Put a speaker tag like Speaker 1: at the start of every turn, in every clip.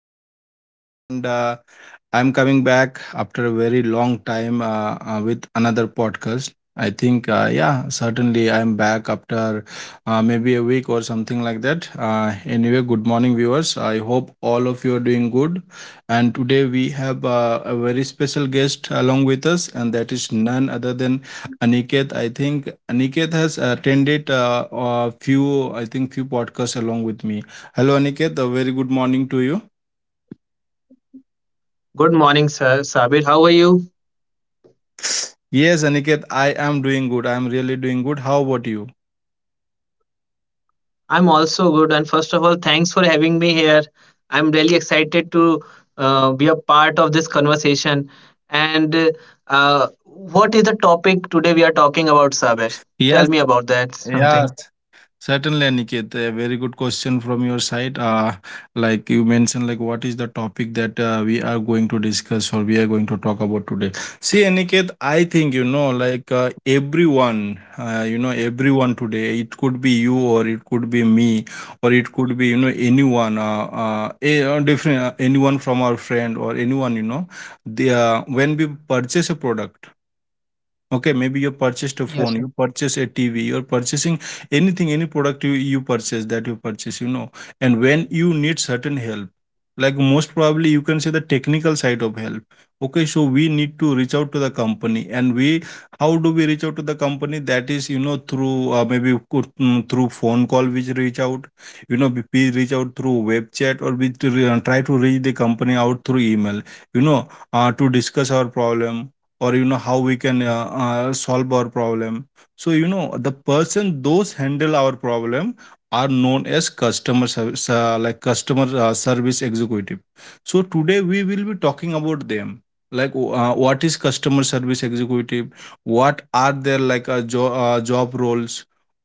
Speaker 1: host Saber, and I'm coming back after a very long time with another podcast. I think, yeah, certainly I'm back after maybe a week or something like that. Anyway, good morning, viewers. I hope all of you are doing good. And today we have a very special guest along with us, and that is none other than Aniket. I think Aniket has attended a few, I think, few podcasts along with me. Hello, Aniket. A very good morning to you.
Speaker 2: Good morning, sir. Sabir, how are you?
Speaker 1: Yes, Aniket, I am doing good. I am really doing good. How about you?
Speaker 2: I'm also good. And first of all, thanks for having me here. I'm really excited to be a part of this conversation. And what is the topic today we are talking about, Sabir?
Speaker 1: Yes,
Speaker 2: Tell me about that.
Speaker 1: yes. Certainly, Aniket, a very good question from your side. Like you mentioned, like what is the topic that we are going to discuss or we are going to talk about today? See, Aniket, I think, like everyone, everyone today. It could be you, or it could be me, or it could be, anyone, different, anyone from our friend or anyone, you know, the when we purchase a product. Okay, maybe you purchased a phone, you
Speaker 2: Yes, sir.
Speaker 1: purchase a TV, you're purchasing anything, any product you purchase. And when you need certain help, like most probably you can say the technical side of help. Okay, so we need to reach out to the company, and we how do we reach out to the company? That is, you know, through maybe you could- mm, through phone call, we reach out, you know, we reach out through web chat, or we try to reach the company out through email, you know, to discuss our problem, or you know how we can solve our problem. So you know the person those handle our problem are known as customer service, like customer, service executive. So today we will be talking about them, like what is customer service executive, what are their like job roles,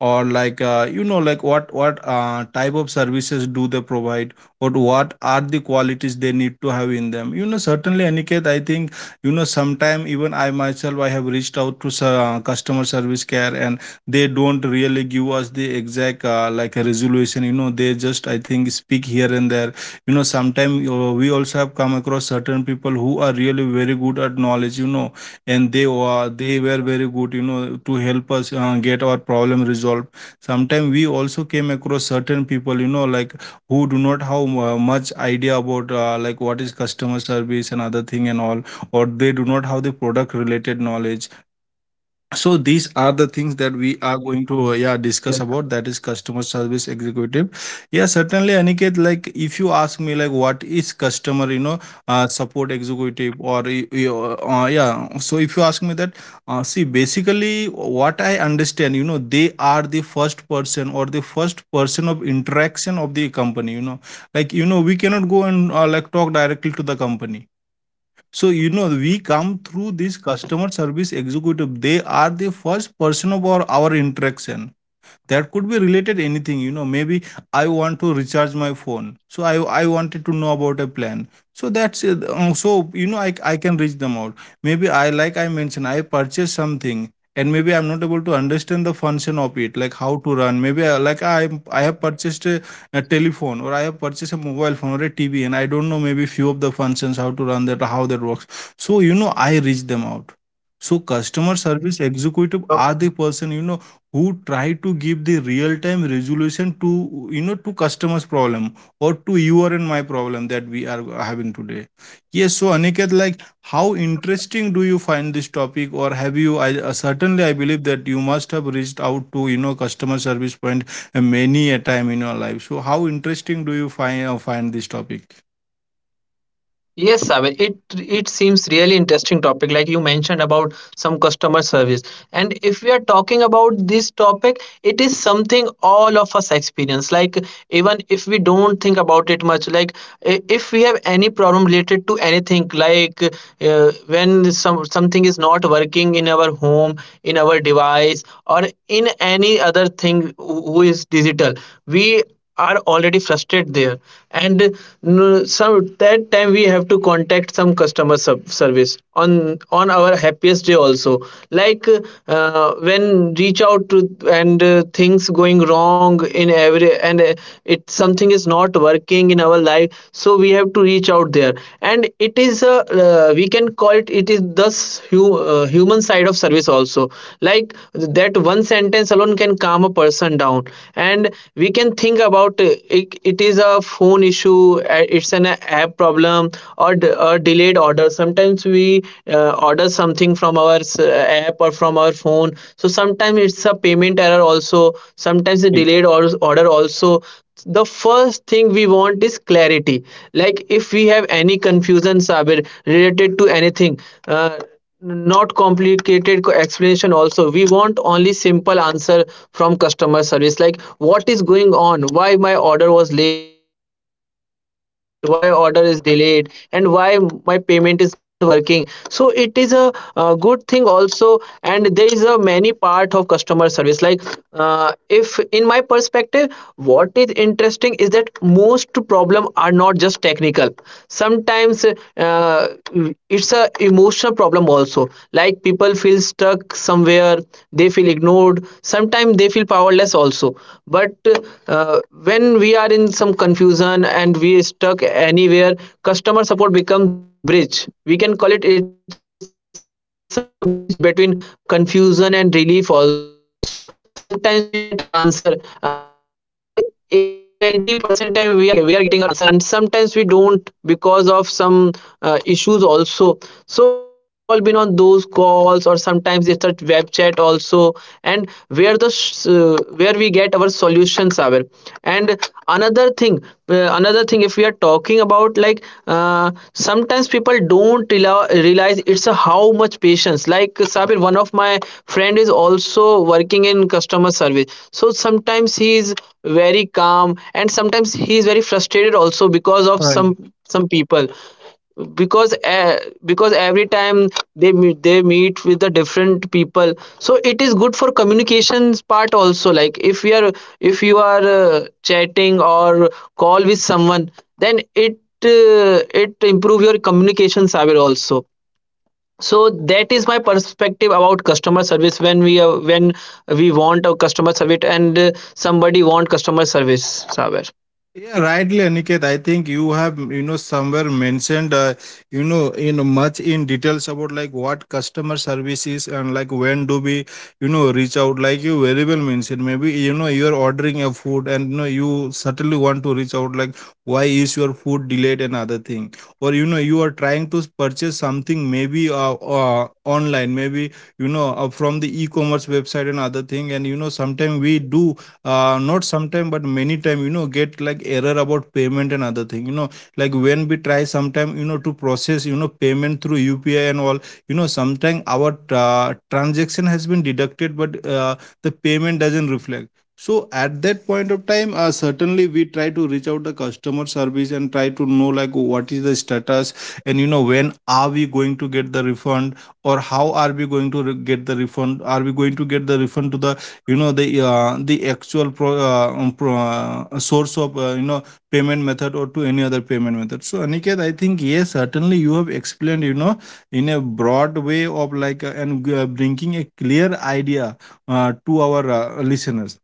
Speaker 1: or like what type of services do they provide, or what are the qualities they need to have in them. Certainly Aniket, I think, you know, sometime even I myself, I have reached out to customer service care, and they don't really give us the exact, like, a resolution. You know, they just, I think, speak here and there. You know, sometime we also have come across certain people who are really very good at knowledge. You know, and they were very good, you know, to help us get our problem resolved. Sometimes we also came across certain people, you know, like, who do not have much idea about, like, what is customer service and other thing and all, or they do not have the product related knowledge. So these are the things that we are
Speaker 2: Yes.
Speaker 1: going to, yeah, discuss about, that is customer service executive. Yeah, certainly, Aniket, like if you ask me, like, what is customer, you know support executive or y- y- yeah, so if you ask me that, see, basically, what I understand, you know, they are the first person, or the first person of interaction of the company. You know, like, you know, we cannot go and like talk directly to the company. So, you know, we come through this customer service executive. They are the first person of our interaction. That could be related anything, you know. Maybe I want to recharge my phone, so I wanted to know about a plan. So that's it. So you know, I can reach them out. Maybe I, like I mentioned, I purchased something, and maybe I'm not able to understand the function of it, like how to run. Maybe I, like I have purchased a telephone, or I have purchased a mobile phone or a TV, and I don't know, maybe few of the functions how to run that or how that works. So you know, I reach them out. So customer service executive are the person, you know, who try to give the real time resolution to, you know, to customers problem, or to your and my problem that we are having today. Yes, so Aniket, like, how interesting do you find this topic? Or have you I certainly I believe that you must have reached out to, you know, customer service point many a time in your life. So how interesting do you find, this topic?
Speaker 2: Yes, Sabir, it seems really interesting topic like you mentioned about some customer service. And if we are talking about this topic, it is something all of us experience. Like even if we don't think about it much, like if we have any problem related to anything, like uh, is not working in our home, in our device, or in any other thing who is digital, we are already frustrated there, and some that time we have to contact some customer service on our happiest day also. Like when reach out to and things going wrong in every and it something is not working in our life, so we have to reach out there. And it is a, we can call it, it is thus human side of service also. Like that one sentence alone can calm a person sundown. And we can think about it, it is a phone issue, it's an app problem, or a delayed order. Sometimes we order something from our app or from our phone, so sometimes it's a payment error also, sometimes a delayed order also. The first thing we want is clarity. Like if we have any confusion, Sabir, related to anything, not complicated explanation also, we want only simple answer from customer service. Like what is going on, why my order was late, why order is delayed, and why my payment is not working. So it is a, uh, good thing also. And there is a many part of customer service. Like if in my perspective what is interesting is that most problem are not just technical. Sometimes uh, it's a emotional problem also. Like people feel stuck somewhere, they feel ignored, sometimes they feel powerless also. But uh, when we are in some confusion and we are stuck anywhere, customer support becomes that bridge. We can call it, it's a bridge between confusion and relief also. Sometimes we get answer, uh, like 80 or 90% time we are getting our answer, and sometimes we don't because of some issues also. So we have all been on those calls, or sometimes it's a web chat also, and where where we get our solutions are. And another thing, another thing if we are talking about like, sometimes people don't realize it's a how much patience. Like, Sabir, one of my friend is also working in customer service, so sometimes he is very calm and sometimes he is very frustrated also because of
Speaker 1: Right.
Speaker 2: some people. Because uh, because every time they meet with the different people. So it is good for communications part also. Like if you are, if you are chatting or call with someone, then it improve your communication, Saber, also. So that is my perspective about customer service, when we want a customer service, and somebody want customer service, Saber.
Speaker 1: Yeah, rightly, Aniket. I think you have, you know, somewhere mentioned, you know, in much in details about, like, what customer service is, and like, when do we, you know, reach out. Like you very well mentioned, maybe you know you are ordering a food and you know you certainly want to reach out. Like, why is your food delayed and other thing, or you know you are trying to purchase something, maybe online, maybe you know, from the e-commerce website and other thing. And you know sometimes we do, not sometime but many time, you know, get like error about payment and other thing. You know, like when we try sometime, you know, to process, you know, payment through UPI and all. You know, sometime our transaction has been deducted, but the payment doesn't reflect. So at that point of time, certainly we try to reach out the customer service and try to know, like, what is the status, and you know when are we going to get the refund, or how are we going to get the refund. Are we going to get the refund to the, you know, the actual source of you know, payment method, or to any other payment method? So Aniket, I think, yes, certainly you have explained, you know, in a broad way of, like, and bringing a clear idea to our listeners.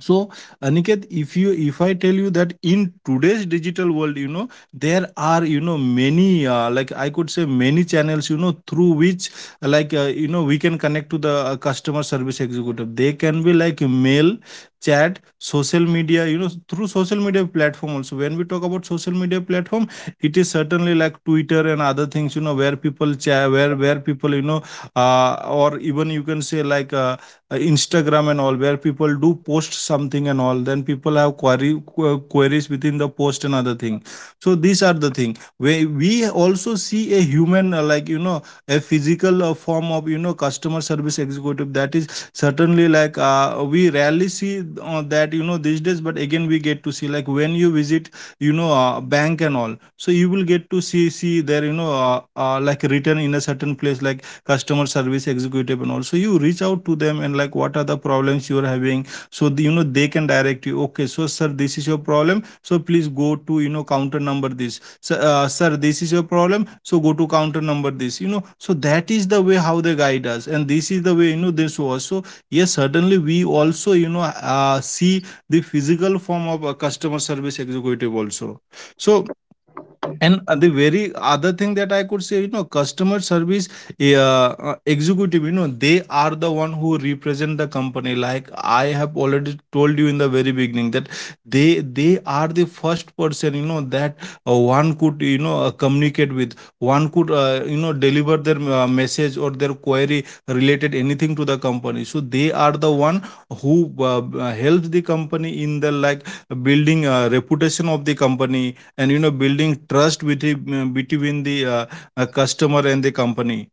Speaker 1: So, Aniket, if you, if I tell you that in today's digital world, you know there are, you know, many like I could say many channels, you know, through which you know we can connect to the customer service executive. They can be like mail, chat, social media. You know, through social media platform also. When we talk about social media platform, it is certainly like Twitter and other things. You know, where people chat, where people, you know, or even you can say, like. Instagram and all, where people do post something and all, then people have query, queries within the post and other thing. So these are the thing where we also see a human, like, you know, a physical form of, you know, customer service executive. That is certainly like, we rarely see that, you know, these days. But again we get to see, like when you visit, you know, bank and all. So you will get to see there, you know, like written in a certain place, like, customer service executive, and also you reach out to them, and like, what are the problems you are having. So the, you know, they can direct you. Okay, so sir, this is your problem, so please go to, you know, counter number this. So, sir, this is your problem, so go to counter number this. You know, so that is the way how they guide us, and this is the way, you know, this was. So yes, certainly we also, you know, see the physical form of a customer service executive also. So, and the very other thing that I could say, you know, customer service, executive, you know, they are the one who represent the company. Like I have already told you in the very beginning that they are the first person, you know, that one could, you know, communicate with, one could, you know, deliver their message or their query related anything to the company. So they are the one who helps the company in the, like, building reputation of the company, and you know, building trust with the, between the, customer and the company.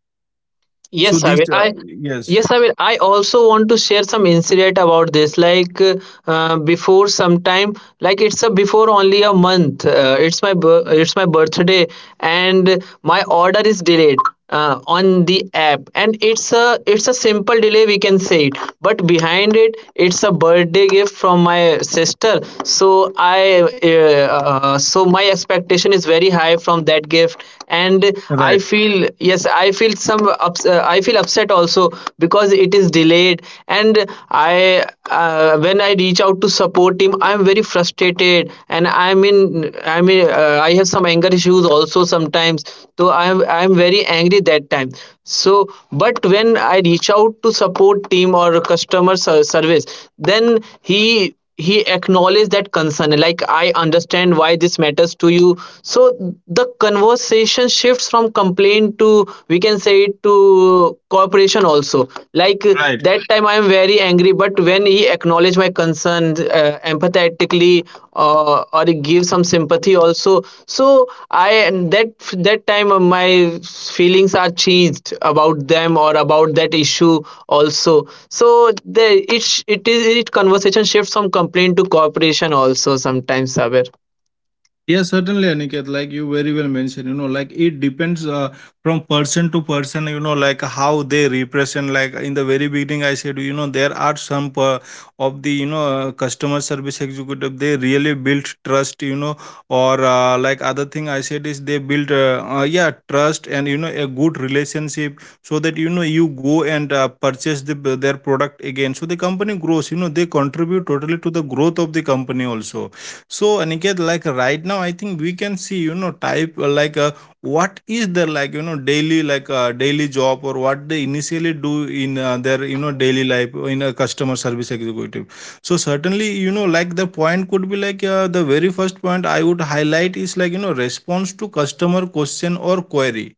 Speaker 2: Yes,
Speaker 1: So
Speaker 2: I will.
Speaker 1: these,
Speaker 2: I
Speaker 1: yes,
Speaker 2: yes, I will. I also want to share some incident about this. Like before some time, like it's a before only a month. It's my it's my birthday, and my order is delayed on the app, and it's a simple delay we can say it. But behind it, it's a birthday gift from my sister. So I so my expectation is very high from that gift, and I
Speaker 1: right,
Speaker 2: feel, yes, I feel I feel upset also because it is delayed. And I when I reach out to support team, I am very frustrated, and I am in I mean I have some anger issues also sometimes. So I am very angry that time. So but when I reach out to support team or customer service, then he acknowledged that concern. Like, I understand why this matters to you. So the conversation shifts from complaint to, we can say it, to cooperation also. Like
Speaker 1: right.
Speaker 2: that time I am very angry, but when he acknowledged my concern empathetically, or give some sympathy also. So I, and that time, my feelings are changed about them or about that issue also. So the it sh- it is it conversation shifts from complaint to cooperation also sometimes, Saber.
Speaker 1: Yeah, certainly, Aniket. Like you very well mentioned, you know, like it depends, from person to person, you know, like how they represent. Like in the very beginning, I said, you know, there are of the customer service executive, they really built trust, you know, or like other thing I said is they built, yeah, trust and, you know, a good relationship so that, you know, you go and purchase their product again. So the company grows, you know, they contribute totally to the growth of the company also. So Aniket, like right now, I think we can see, you know, type like what is their like, you know, daily job or what they initially do in their, you know, daily life in a customer service executive. So certainly, you know, like the point could be like the very first point I would highlight is like, you know, response to customer question or query.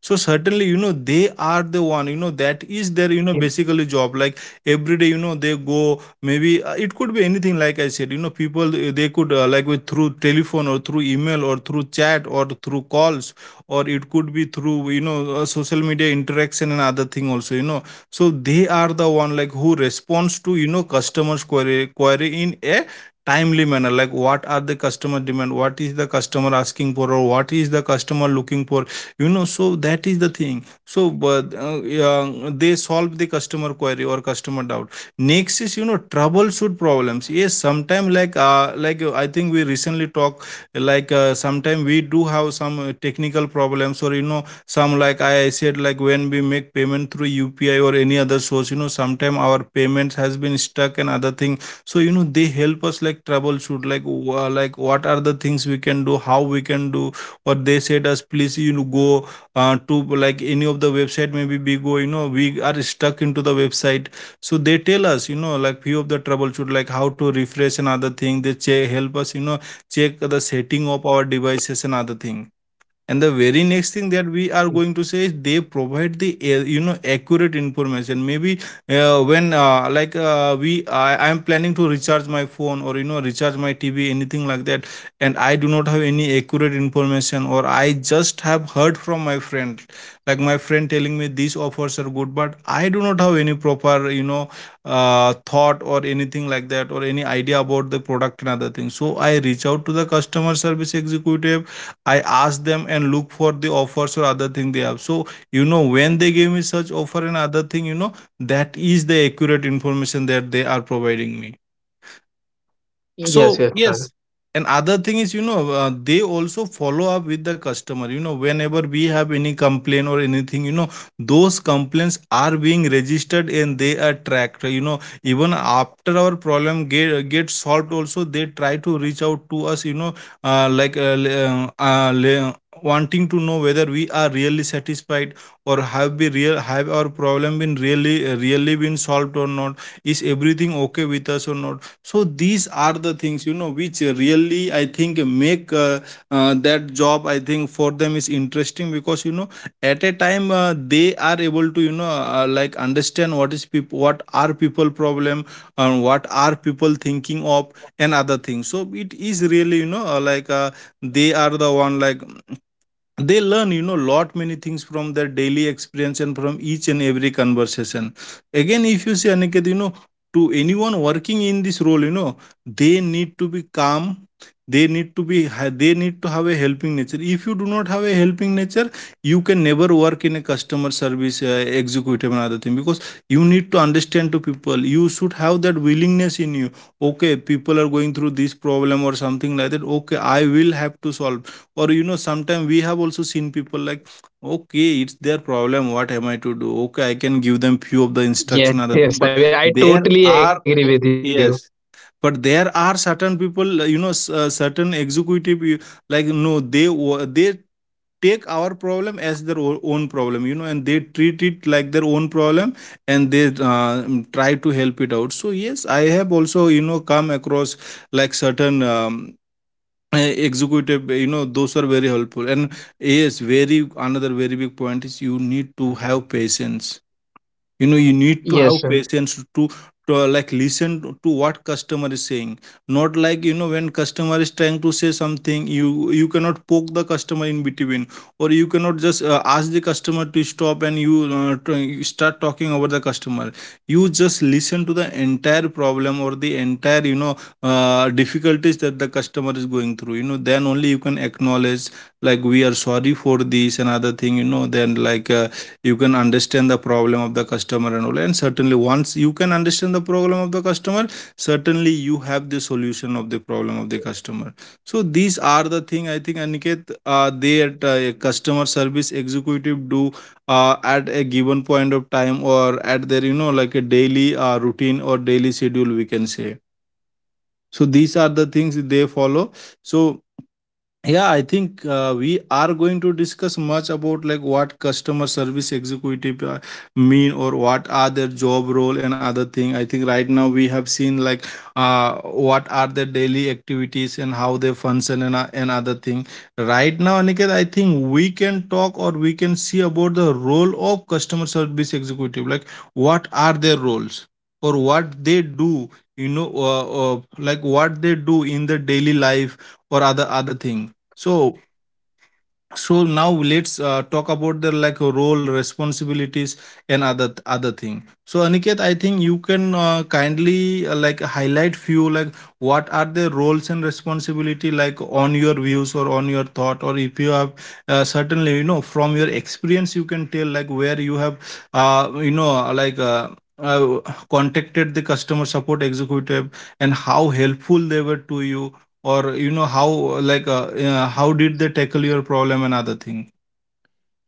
Speaker 1: So certainly, you know, they are the one, you know, that is their, you know, basically job. Like every day, you know, they go, maybe it could be anything. Like I said, you know, people they could like with through telephone or through email or through chat or through calls, or it could be through, you know, social media interaction and other thing also, you know. So they are the one like who responds to, you know, customers query in a timely manner, like what are the customer demand, what is the customer asking for, or what is the customer looking for, you know. So that is the thing. So but yeah, they solve the customer query or customer doubt. Next is, you know, troubleshoot problems. Yes, sometime like I think we recently talk, like sometime we do have some technical problems, or you know, some, like I said, like when we make payment through UPI or any other source, you know, sometime our payments has been stuck and other thing. So you know, they help us like troubleshoot, like like what are the things we can do, how we can do. Or they said us, please, you know, go to like any of the website. Maybe we go, you know, we are stuck into the website. So they tell us, you know, like few of the troubleshoot, like how to refresh and other thing. They check, help us, you know, check the setting of our devices and other thing. And the very next thing that we are going to say is they provide the, you know, accurate information. Maybe when like we, I am planning to recharge my phone, or you know, recharge my TV, anything like that, and I do not have any accurate information, or I just have heard from my friend. Like my friend telling me these offers are good, but I do not have any proper, you know, thought or anything like that, or any idea about the product and other things. So I reach out to the customer service executive. I ask them and look for the offers or other thing they have. So you know, when they give me such offer and other thing, you know, that is the accurate information that they are providing me.
Speaker 2: Yes, yes,
Speaker 1: So
Speaker 2: sir.
Speaker 1: yes. And other thing is, you know, they also follow up with the customer, you know, whenever we have any complaint or anything, you know, those complaints are being registered and they are tracked, you know. Even after our problem get solved also, they try to reach out to us, you know, uh, like uh, le- uh, uh, le- wanting to know whether we are really satisfied, or have we real, have our problem been really really been solved or not, is everything okay with us or not. So these are the things, you know, which really I think make that job, I think, for them is interesting, because you know, at a time they are able to, you know, understand what is people, what are people problem, and what are people thinking of, and other things. So it is really, you know, they are the one like they learn, you know, lot many things from their daily experience and from each and every conversation. Again, if you see Aniket, you know, to anyone working in this role, you know, they need to be calm. They need to be they need to have a helping nature. If you do not have a helping nature, you can never work in a customer service executive and other thing, because you need to understand to people. You should have that willingness in you. Okay, people are going through this problem or something like that, okay, I will have to solve. Or you know, sometimes we have also seen people like, okay, it's their problem, what am I to do, okay, I can give them few of the
Speaker 2: Yes,
Speaker 1: instruction, other
Speaker 2: yes,
Speaker 1: thing.
Speaker 2: Saber,
Speaker 1: But
Speaker 2: I totally
Speaker 1: there
Speaker 2: agree with you.
Speaker 1: are, yes, but there are certain people, you know, certain executive. Like no, they take our problem as their own problem, you know, and they treat it like their own problem. And they try to help it out. So yes, I have also, you know, come across like certain executive, you know, those are very helpful. And yes, very, another very big point is you need to have patience. You know, you
Speaker 2: Yes,
Speaker 1: need to
Speaker 2: sir.
Speaker 1: have patience to like listen to what customer is saying. Not like, you know, when customer is trying to say something, you cannot poke the customer in between, or you cannot just ask the customer to stop and you, you start talking over the customer. You just listen to the entire problem or the entire, you know, difficulties that the customer is going through, you know. Then only you can acknowledge, like we are sorry for this and other thing, you know. Then like you can understand the problem of the customer and all. And certainly, once you can understand the problem of the customer, certainly you have the solution of the problem of the customer. So these are the thing, I think, Aniket, they at customer service executive do at a given point of time, or at their, you know, like a daily routine or daily schedule we can say. So these are the things they follow. So yeah, I think we are going to discuss much about like what customer service executive mean, or what are their job role and other thing. I think right now we have seen like uh, what are their daily activities and how they function, and and other thing. Right now, Aniket, I think we can talk, or we can see about the role of customer service executive. Like what are their roles, or what they do. You know, like what they do in the daily life, or other thing. So so now let's talk about the like role responsibilities and other thing. So Aniket, I think you can kindly like highlight few, like what are the roles and responsibility, like on your views or on your thought. Or if you have certainly, you know, from your experience, you can tell like where you have you know like. Uh, Contacted the customer support executive and how helpful they were to you, or you know how, like how did they tackle your problem and other thing.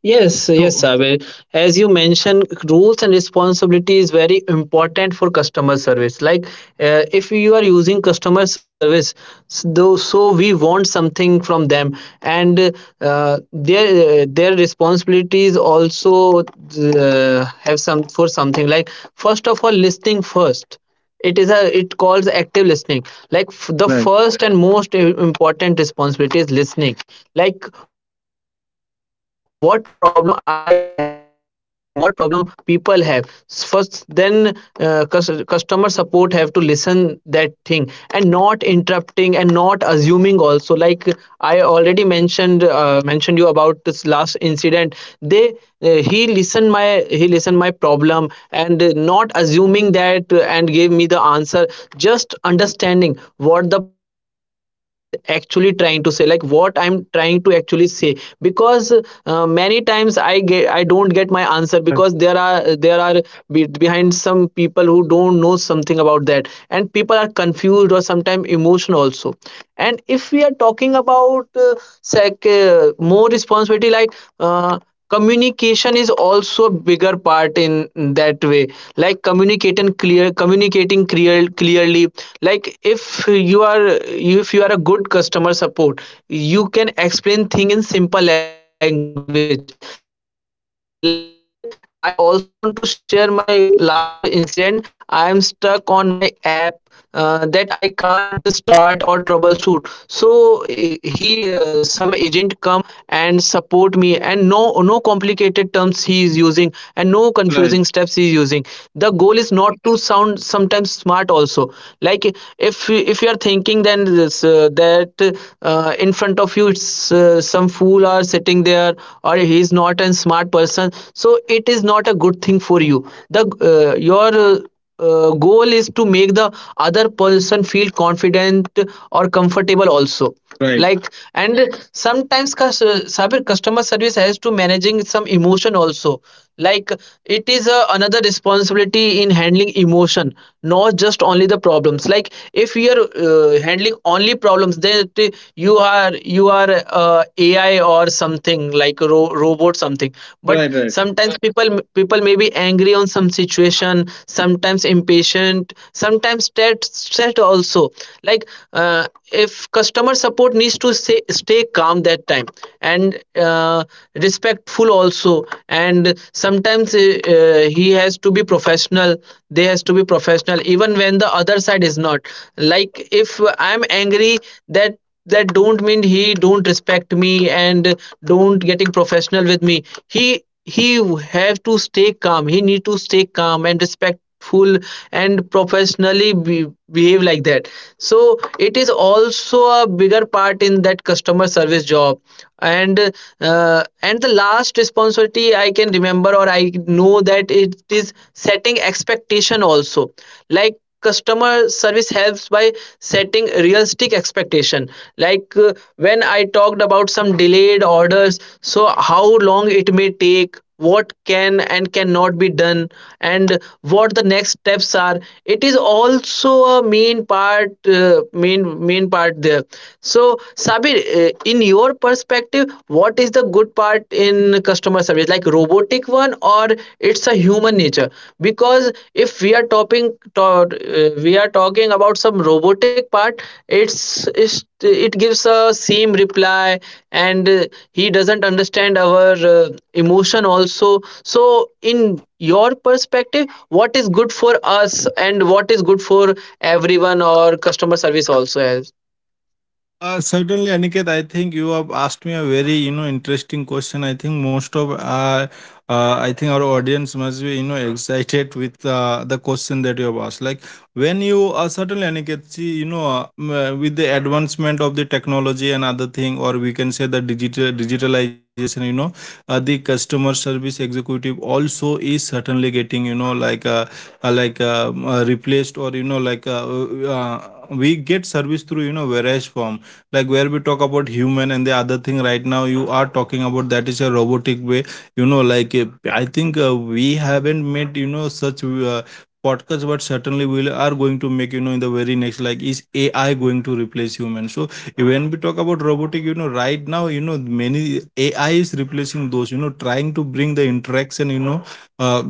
Speaker 2: Yes, yes,
Speaker 1: So
Speaker 2: Sabir. As you mentioned, rules and responsibility is very important for customer service. Like, if you are using customer service, though, so we want something from them, and their responsibilities also have some for something. Like, first of all, listening first, it is a, it calls active listening. Like the
Speaker 1: right,
Speaker 2: first and most important responsibility is listening. Like what problem I have, or what problem people have. First then, customer support have to listen that thing, and not interrupting and not assuming also. Like I already mentioned, mentioned you about this last incident. They, he listened my, he listened my problem, and not assuming that, and gave me the answer. Just understanding what the person is actually trying to say, like what I'm trying to actually say. Because many times I get, I don't get my answer, because there are there
Speaker 1: right,
Speaker 2: are behind some people who don't know something about that, and people are confused or sometimes emotional also. And if we are talking about more responsibility, like uh, communication is also a bigger part in that way. Like communicating clear, communicating clearly. Like if you are, if you are a good customer support, you can explain thing in simple language. Like I also want to share my last incident. I am stuck on my app, that I can't start or troubleshoot. So, eh, he, some agent come and support me, and no no complicated terms he is using, and no confusing steps he is using. The goal is
Speaker 1: right,
Speaker 2: not to sound sometimes smart also. Like, eh, if you are thinking then this, that in front of you it's some fool are sitting there, or he is not a smart person, so it is not a good thing for you. The, your goal is to make the other person feel confident or comfortable also.
Speaker 1: right,
Speaker 2: Like, and sometimes cyber customer service has to managing some emotion also. Like it is, another responsibility in handling emotion, not just only the problems. Like if you are handling only problems, then you are, you are AI or something, like a robot something. But
Speaker 1: right, right.
Speaker 2: sometimes people may be angry on some situation, sometimes impatient, sometimes stressed also. Like if customer support needs to say, stay calm that time, and uh, respectful also, and sometimes he has to be professional. They has to be professional even when the other side is not. Like if I'm angry, that that don't mean he don't respect me and don't getting professional with me. He have to stay calm, he need to stay calm and respectful, and professionally behave like that. So it is also a bigger part in that customer service job. And and the last responsibility I can remember, or I know, that it is setting expectation also. Like customer service helps by setting realistic expectation. Like when I talked about some delayed orders, so how long it may take, what can and cannot be done, and what the next steps are. It is also a main part, main main part there. So, Sabir, in your perspective, what is the good part in customer service, like robotic one, or it's a human nature? Because if we are topping to, we are talking about some robotic part, it's, it gives a same reply. And he doesn't understand our emotion also. So in your perspective, what is good for us, and what is good for everyone, or customer service also as.
Speaker 1: Certainly, Aniket, I think you have asked me a very, you know, interesting question. I think most of, I think our audience must be, you know, excited with the question that you have asked. Like when you, certainly, Aniket, see, you know, with the advancement of the technology and other thing, or we can say the digitalization, you know, the customer service executive also is certainly getting, you know, like, replaced or you know, like. We get service through, you know, various form. Like where we talk about human and the other thing, right now you are talking about that is a robotic way, you know. Like I think we haven't made, you know, such podcast, but certainly we are going to make, you know, in the very next, like is AI going to replace human. So when we talk about robotic, you know, right now, you know, many AI is replacing those, you know, trying to bring the interaction, you know, uh,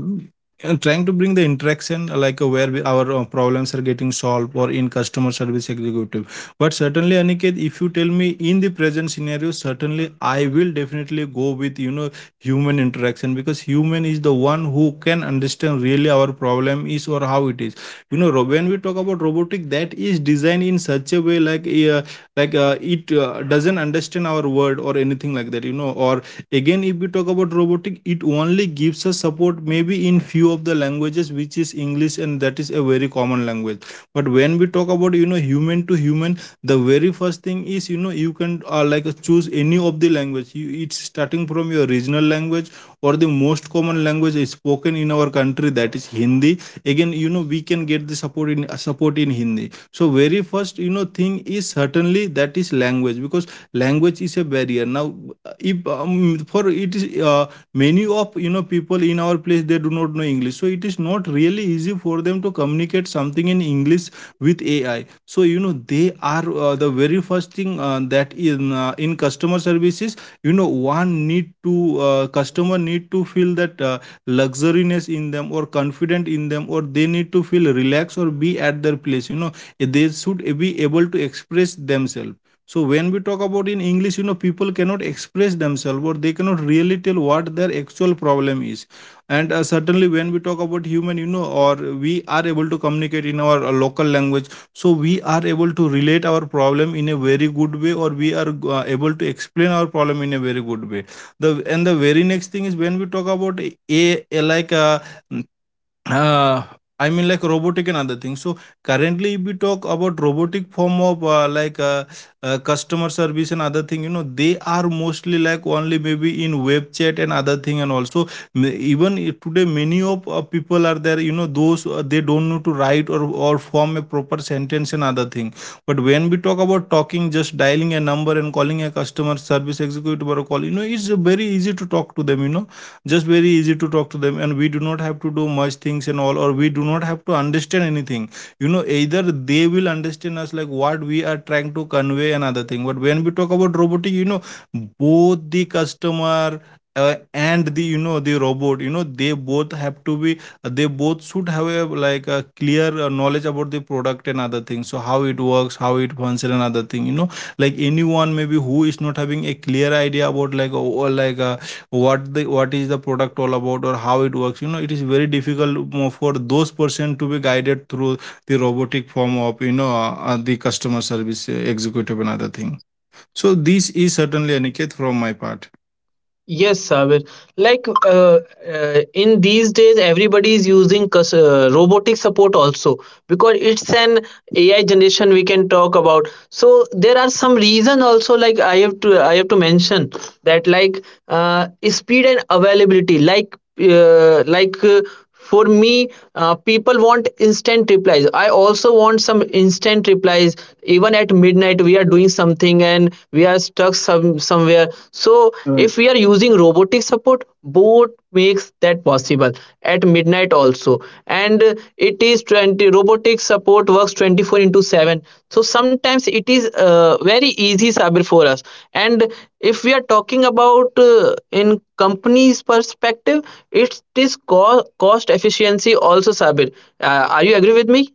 Speaker 1: and trying to bring the interaction where we, our problems are getting solved, or in customer service executive. But certainly, Aniket, if you tell me in the present scenario, certainly I will definitely go with, you know, human interaction, because human is the one who can understand really our problem is or how it is. When we talk about robotic, that is designed in such a way it doesn't understand our word or anything like that. Or again, if we talk about robotic, it only gives us support maybe in few of the languages, which is English, and that is a very common language. But when we talk about, you know, human to human, the very first thing is, you know, you can, like, choose any of the language, it's starting from your regional language or the most common language is spoken in our country, that is Hindi. Again, you know, we can get the support in Hindi. So very first, you know, thing is certainly that is language, because language is a barrier now. If for it is Many of, you know, people in our place, they do not know English, so it is not really easy for them to communicate something in English with AI. So, you know, they are, the very first thing, that in customer services, you know, one need to, customer need to feel that, luxuriness in them or confident in them, or they need to feel relaxed or be at their place, you know, they should be able to express themselves. So when we talk about in English, you know, people cannot express themselves, or they cannot really tell what their actual problem is. And certainly when we talk about human, you know, or we are able to communicate in our local language, so we are able to relate our problem in a very good way, or we are able to explain our problem in a very good way. The and the very next thing is when we talk about a uh, I mean, like, robotic and other things. So currently, if we talk about robotic form of customer service and other thing, you know, they are mostly like only maybe in web chat and other thing, and also today many of people are there. You know, those they don't know to write or form a proper sentence and other thing. But when we talk about talking, just dialing a number and calling a customer service executive or a call, you know, it's very easy to talk to them. You know, just very easy to talk to them, and we do not have to do much things and all, or we do not have to understand anything, you know. Either they will understand us like what we are trying to convey, another thing. But when we talk about robotic, you know, both the customer and the, you know, the robot, you know, they both have to be, they both should have like a clear knowledge about the product and other things, so how it works, how it functions, and other thing. You know, like anyone maybe who is not having a clear idea about like, or like a what is the product all about or how it works, you know, it is very difficult for those person to be guided through the robotic form of, the customer service executive and other thing. So this is certainly, Aniket, from my part.
Speaker 2: Yes, Sabir. Like in these days, everybody is using robotic support also, because it's an AI generation we can talk about. So there are some reason also. Like I have to mention that, like speed and availability. Like for me, people want instant replies. I also want some instant replies. Even at midnight, we are doing something and we are stuck somewhere, so if we are using robotic support, both makes that possible at midnight also. And uh, it is 20 robotic support, works 24 into 7. So sometimes it is very easy, Sabir, for us. And if we are talking about in company's perspective, it is cost efficiency also, Sabir. Are you agree with me?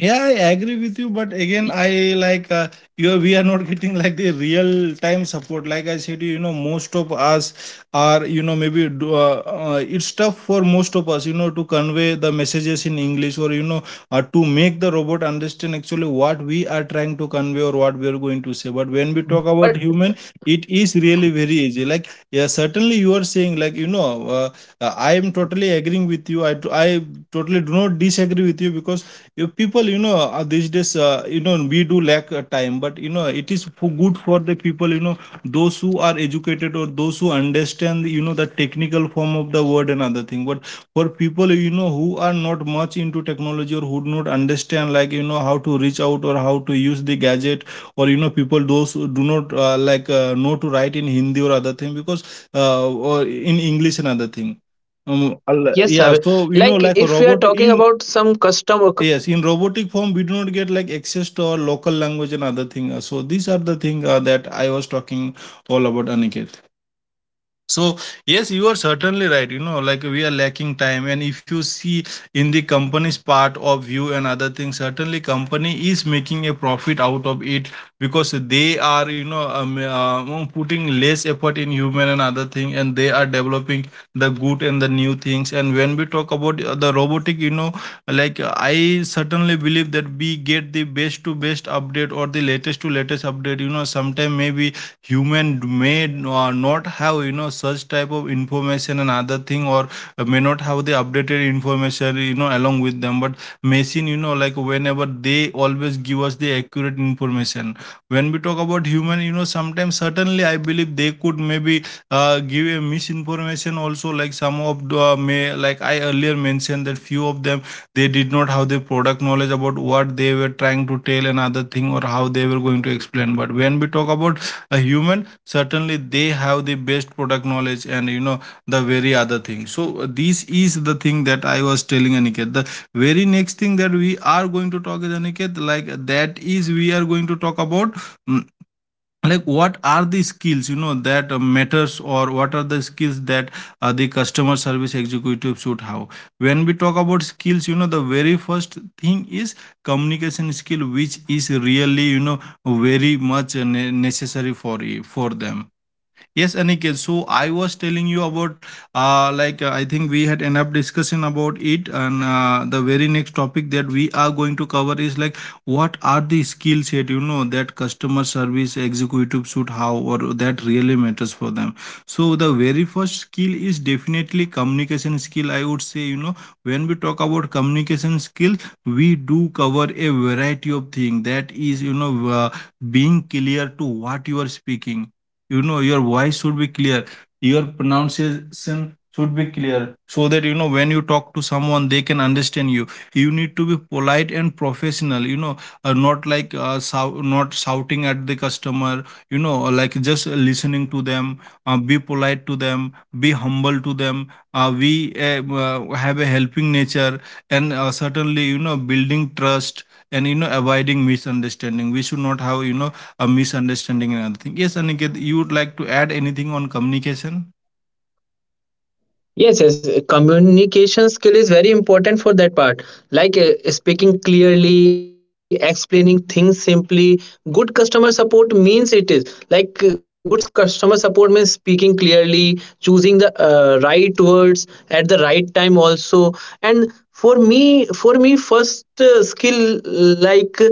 Speaker 1: Yeah, I agree with you, but again, I We are not getting like the real time support. Like I said, you know, most of us are, you know, it's tough for most of us, you know, to convey the messages in English, or you know, to make the robot understand actually what we are trying to convey or what we are going to say. But when we talk about human, it is really very easy. Like, yeah, certainly you are saying, like, I am totally agreeing with you. I totally do not disagree with you, because if people, you know, these days, you know, we do lack time, but you know, it is for good for the people, you know, those who are educated or those who understand, you know, the technical form of the word and other thing. But for people, you know, who are not much into technology or who do not understand, like you know, how to reach out or how to use the gadget, or you know, people those who do not know to write in Hindi or other thing, because or in English and other thing.
Speaker 2: Yes, Sabir. Like if we are
Speaker 1: Yeah,
Speaker 2: talking
Speaker 1: so you know,
Speaker 2: about
Speaker 1: like a
Speaker 2: some
Speaker 1: robot
Speaker 2: custom
Speaker 1: in.
Speaker 2: company part,
Speaker 1: Yes, in
Speaker 2: so
Speaker 1: robotic
Speaker 2: we
Speaker 1: form, we do
Speaker 2: it
Speaker 1: not
Speaker 2: is
Speaker 1: get like access to our
Speaker 2: robotic
Speaker 1: local language
Speaker 2: support
Speaker 1: and
Speaker 2: is
Speaker 1: other
Speaker 2: very
Speaker 1: thing. So
Speaker 2: easy
Speaker 1: these
Speaker 2: for
Speaker 1: are the
Speaker 2: them.
Speaker 1: thing
Speaker 2: Like
Speaker 1: that I
Speaker 2: human
Speaker 1: was
Speaker 2: support,
Speaker 1: talking
Speaker 2: we can
Speaker 1: all
Speaker 2: call it.
Speaker 1: about,
Speaker 2: It is
Speaker 1: Aniket.
Speaker 2: very expensive, and
Speaker 1: So, yes,
Speaker 2: like
Speaker 1: you are
Speaker 2: we have
Speaker 1: certainly
Speaker 2: to
Speaker 1: right. You know,
Speaker 2: mention
Speaker 1: like we are
Speaker 2: something like
Speaker 1: lacking time. And
Speaker 2: training,
Speaker 1: if you see
Speaker 2: salaries,
Speaker 1: in the company's
Speaker 2: shifts,
Speaker 1: part
Speaker 2: and
Speaker 1: of view
Speaker 2: quality
Speaker 1: and other
Speaker 2: checks.
Speaker 1: things, certainly company is
Speaker 2: Uh,
Speaker 1: making a
Speaker 2: Sabir,
Speaker 1: profit
Speaker 2: am I
Speaker 1: out of
Speaker 2: audible?
Speaker 1: it, because they are, you know, putting less effort in human and other thing, and they are developing the good and the new things. And when we talk about the robotic, you know, I certainly believe that we get the best to best update or the latest to latest update. You know, sometime maybe human may not have, you know, such type of information and other thing, or may not have the updated information, you know, along with them. But machine, you know, like, whenever, they always give us the accurate information. When we talk about human, you know, sometimes certainly I believe they could maybe give a misinformation also, like some of the may, like I earlier mentioned, that few of them, they did not have the product knowledge about what they were trying to tell and other thing, or how they were going to explain. But when we talk about a human, certainly they have the best product knowledge, and you know, the very other thing. So this is the thing that I was telling, Aniket. The very next thing that we are going to talk is, Aniket, like, that is, we are going to talk about, like, what are the skills, you know, that matters, or what are the skills that the customer service executive should have. When we talk about skills, you know, the very first thing is communication skill, which is really, you know, very much necessary for for them. Yes, Aniket. So I was telling you about, I think we had enough discussion about it, and the very next topic that we are going to cover is like, what are the skill set, you know, that customer service executive should have, or that really matters for them. So the very first skill is definitely communication skill. I would say, you know, when we talk about communication skill, we do cover a variety of thing, that is, you know, uh, being clear to what you are speaking, you know, your voice should be clear, your pronunciation should be clear, so that, you know, when you talk to someone, they can understand you. You need to be polite and professional, you know, not like sou- not shouting at the customer, you know, like just listening to them, be polite to them, be humble to them, we have a helping nature, and certainly, you know, building trust, and you know, avoiding misunderstanding. We should not have, you know, a misunderstanding and other thing. Yes, Aniket, you would like to add anything on communication?
Speaker 2: Yes, yes. Communication skill is very important for that part. Like speaking clearly, explaining things simply. Good customer support means it is like good customer support means speaking clearly, choosing the right words at the right time also. And for me, first skill, like,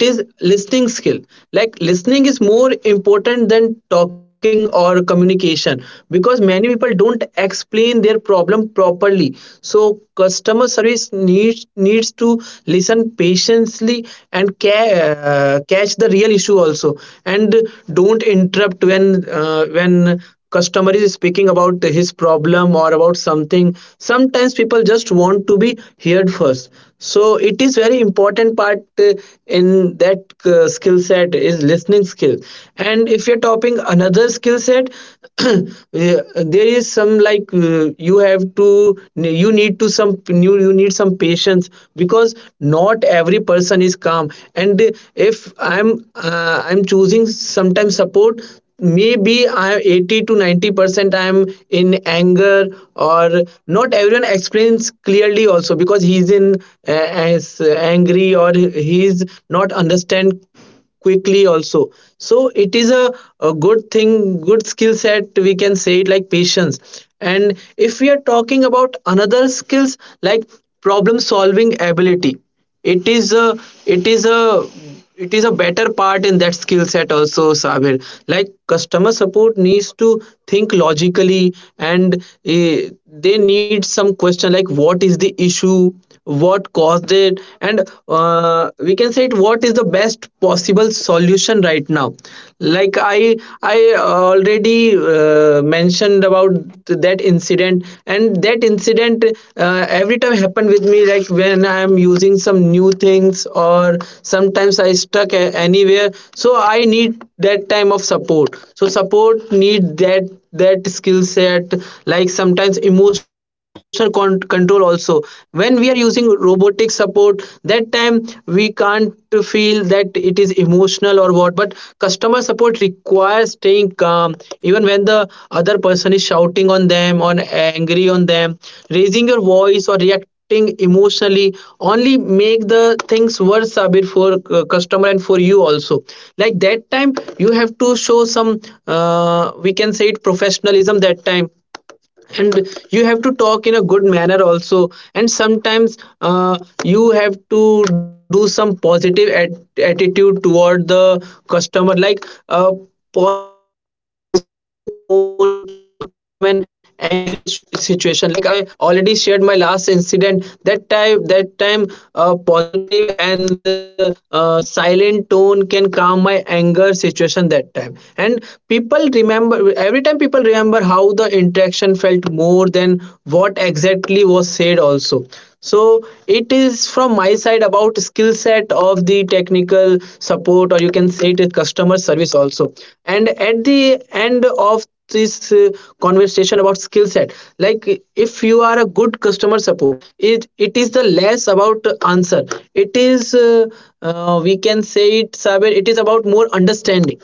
Speaker 2: it is listening skill. Like, listening is more important than talking or communication, because many people don't explain their problem properly, so customer service needs to listen patiently and catch the real issue also. And don't interrupt when when customer is speaking about his problem or about something. Sometimes people just want to be heard first. So it is very important part in that skill set is listening skill. And if you're topping another skill set, yeah, there is some, like, you have to, you need some patience, because not every person is calm. And if I'm choosing sometimes support, maybe I'm 80 to 90% I'm in anger, or not everyone explains clearly also because he is in as angry or he is not understand quickly also. So it is a good thing, good set, we can say it, like patience. And if we are talking about another skills, like problem solving ability, it is a it is a it is a better part in that skill set also, Sabir. Like customer support needs to think logically, and eh, they need some question, like what is the issue, what caused it, and we can say it, what is the best possible solution right now. Like I already mentioned about that incident, every time happen with me, like when I am using some new things, or sometimes I stuck anywhere, so I need that time of support, so support need that, that skill set. Like sometimes emotional control also. When we are using robotic support, that time we can't to feel that it is emotional or what. But customer support requires staying calm, even when the other person is shouting on them or angry on them. Raising your voice or reacting emotionally only make the things worse, Sabir, for customer and for you also. Like that time, you have to show some, we can say it, professionalism that time, and you have to talk in a good manner also. And sometimes you have to do some positive attitude toward the customer. Like a positive tone can calm an angry situation. Like I already shared my last incident, that time, that time, a positive and silent tone can calm my anger situation that time. And people remember, every time people remember how the interaction felt more than what exactly was said also. So it is from my side about skill set of the technical, or you can say it is customer service also. And at the end of this conversation about skill set, like, if you are a good customer support, it is the less about answer. It is, we can say it, Sabir, it is about more understanding.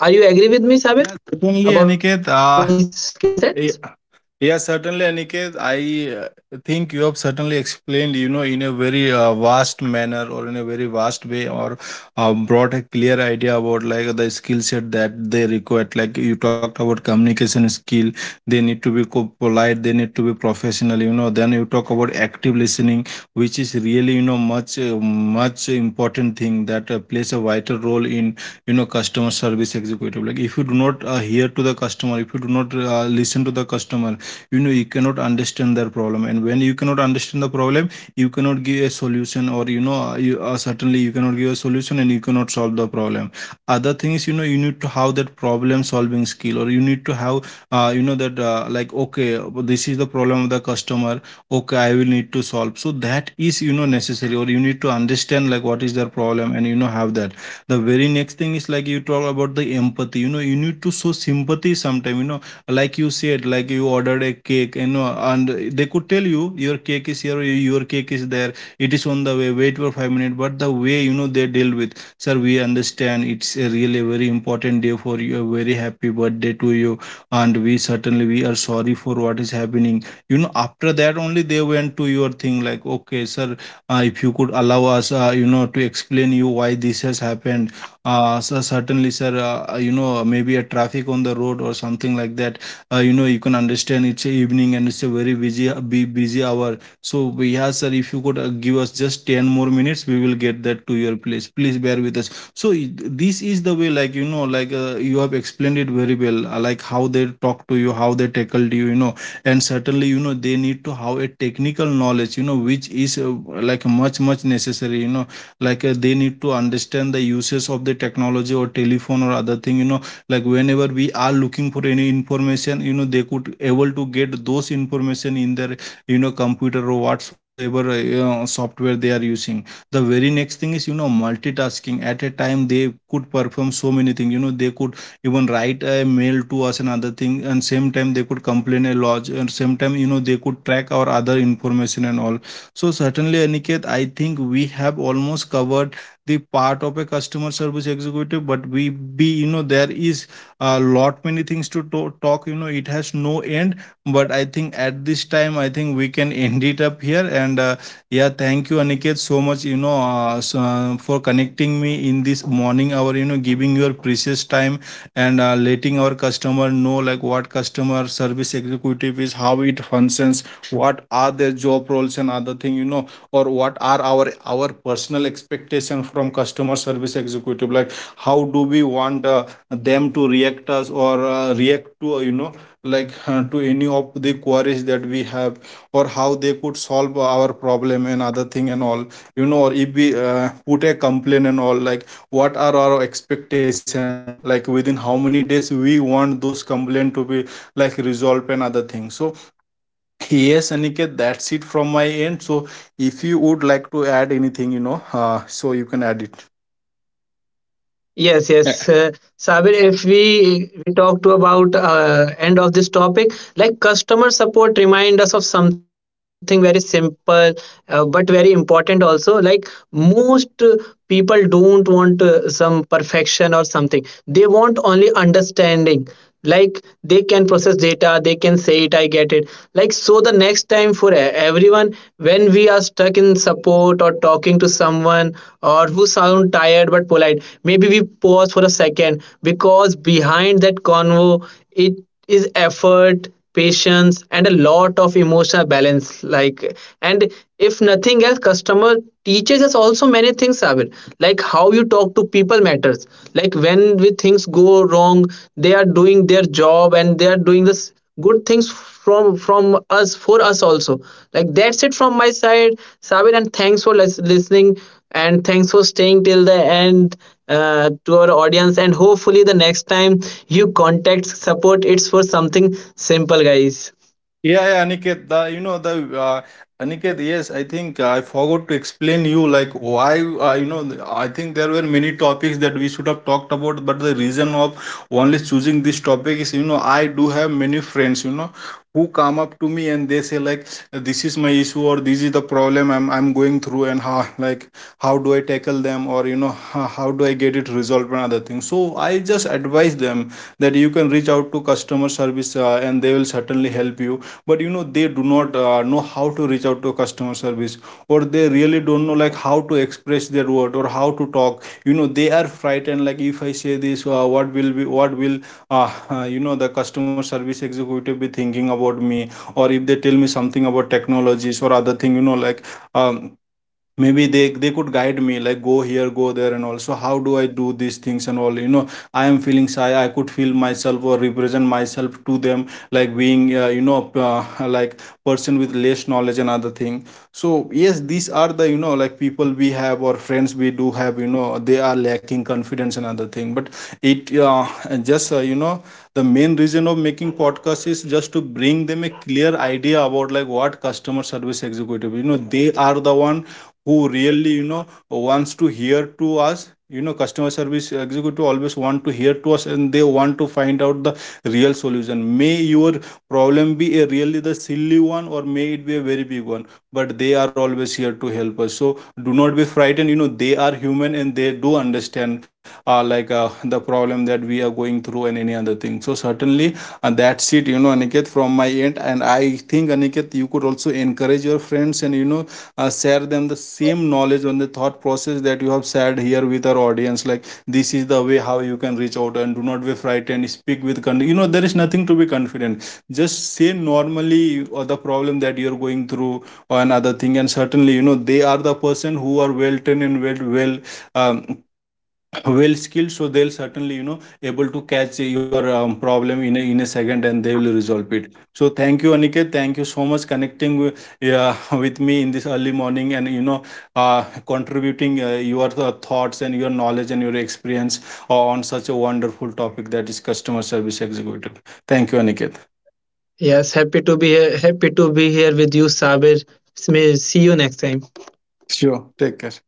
Speaker 2: Are you agree with me, Sabir,
Speaker 1: Yeah, certainly,
Speaker 2: about these
Speaker 1: Aniket.
Speaker 2: skill sets?
Speaker 1: Yeah, yeah, certainly, Aniket. I think you have certainly explained, you know, in a very vast manner or in a very vast way, or brought a clear idea about like the skill set that they require. Like you talked about communication skill, they need to be polite, they need to be professional, you know. Then you talk about active listening, which is really, much important thing that plays a vital role in customer service executive. Like if you do not hear to the customer, if you do not listen to the customer, you cannot understand their problem. And when you cannot understand the problem, you cannot give a solution. Or certainly you cannot give a solution and you cannot solve the problem. Other thing is, you need to have that problem solving skill. Or you need to have that like, okay, this is the problem of the customer. Okay, I will need to solve. So that is, necessary. Or you need to understand like what is their problem, and have that. The very next thing is, like, you talk about the empathy. You need to show sympathy sometime. Like you said, like you ordered a cake, and they could tell you your cake is here, your cake is there. It is on the way, wait for 5 minutes. But the way, they deal with. Sir, we understand it's a really very important day for you, a very happy birthday to you. And we certainly, we are sorry for what is happening. After that only they went to your thing like, okay sir, if you could allow us to explain you why this has happened. So certainly sir, maybe a traffic on the road or something like that. You can understand it's a evening and it's a very busy hour. Yeah sir, if you could give us just 10 more minutes, we will get that to your place. Please bear with us. This is the way, like, like you have explained it very well, like how they talk to you, how they tackled you you know And certainly, they need to have a technical knowledge, which is like much necessary. Like, they need to understand the uses of the technology or telephone or other thing. Like, whenever we are looking for any information, they could able to get those information in their computer or whatsoever, software they are using. The very next thing is, multitasking. At a time they could perform so many things, they could even write a mail to us and other thing, and same time they could complain a lot, and same time, they could track our other information and all. So certainly Aniket, I think we have almost covered the part of a customer service executive, but we be there is a lot many things to talk. It has no end. But I think, at this time, I think we can end it up here, and yeah, thank you Aniket so much, for connecting me in this morning hour, giving your precious time. And letting our customer know like what customer service executive is, how it functions, what are their job roles and other thing, or what are our personal expectation from customer service executive, like how do we want them to react us, or react to, like to any of the queries that we have, or how they could solve our problem and other thing and all, or if we put a complaint and all, like what are our expectation, like within how many days we want those complaint to be, like, resolved and other things. So yes Aniket, that's it from my end. So if you would like to add anything, so you can add it.
Speaker 2: Yes, yes. Sabir, if we talk to about end of this topic, like customer support remind us of something very simple, but very important also. Like, most people don't want some perfection or something. They want only understanding. Like they can process data, they can say it, I get it. Like, so the next time, for everyone, when we are stuck in support or talking to someone or who sound tired but polite, maybe we pause for a second, because behind that convo, it is effort, patience, and a lot of emotional balance. Like, and if nothing else, customer teaches us also many things, Sabir. Like how you talk to people matters. Like when we, things go wrong, they are doing their job, and they are doing this good things from us, for us also. Like, that's it from my side, Sabir. And thanks for listening, and thanks for staying till the end, to our audience. And hopefully the next time you contact support, it's for something simple, guys.
Speaker 1: Yeah, yeah, Aniket, the you know the Aniket, yes, I think I forgot to explain you like why, I think there were many topics that we should have talked about, but the reason of only choosing this topic is, I do have many friends, who come up to me and they say like, this is my issue, or this is the problem I'm going through, and how like, how do I tackle them, or how do I get it resolved and other things. So I just advise them that you can reach out to customer service, and they will certainly help you. But they do not know how to reach out to customer service. Or they really don't know, like, how to express their word or how to talk. They are frightened, like, if I say this, what will be what will the customer service executive be thinking about me. Or if they tell me something about technologies or other thing, like, um, maybe they could guide me, like, go here, go there, and also how do I do these things and all. I am feeling shy, I could feel myself or represent myself to them, like being like, person with less knowledge and other thing. So yes, these are the, like, people we have, or friends we do have, they are lacking confidence and other thing. But it, just you know the main reason of making podcasts is just to bring them a clear idea about, like, what customer service executive, they are the one who really, wants to hear to us. Customer service executive always want to hear to us, and they want to find out the real solution. May your problem be a really the silly one, or may it be a very big one, but they are always here to help us. So do not be frightened, they are human and they do understand like, the problem that we are going through and any other thing. So certainly, and that's it, Aniket, from my end. And I think, Aniket, you could also encourage your friends. And share them the same knowledge on the thought process that you have shared here with our audience, like this is the way how you can reach out. And do not be frightened, speak with there is nothing to be confident. Just say normally, or the problem that you're going through, or another thing. And certainly, they are the person who are well trained, and um, well skilled. So they'll certainly, able to catch your problem in a second, and they will resolve it. So thank you Aniket, thank you so much, connecting with, yeah, with me in this early morning, and contributing your thoughts and your knowledge and your experience on such a wonderful topic, that is customer service executive. Thank you Aniket.
Speaker 2: Yes, happy to be here, happy to be here with you, Sabir. See you next time.
Speaker 1: Sure. Take care.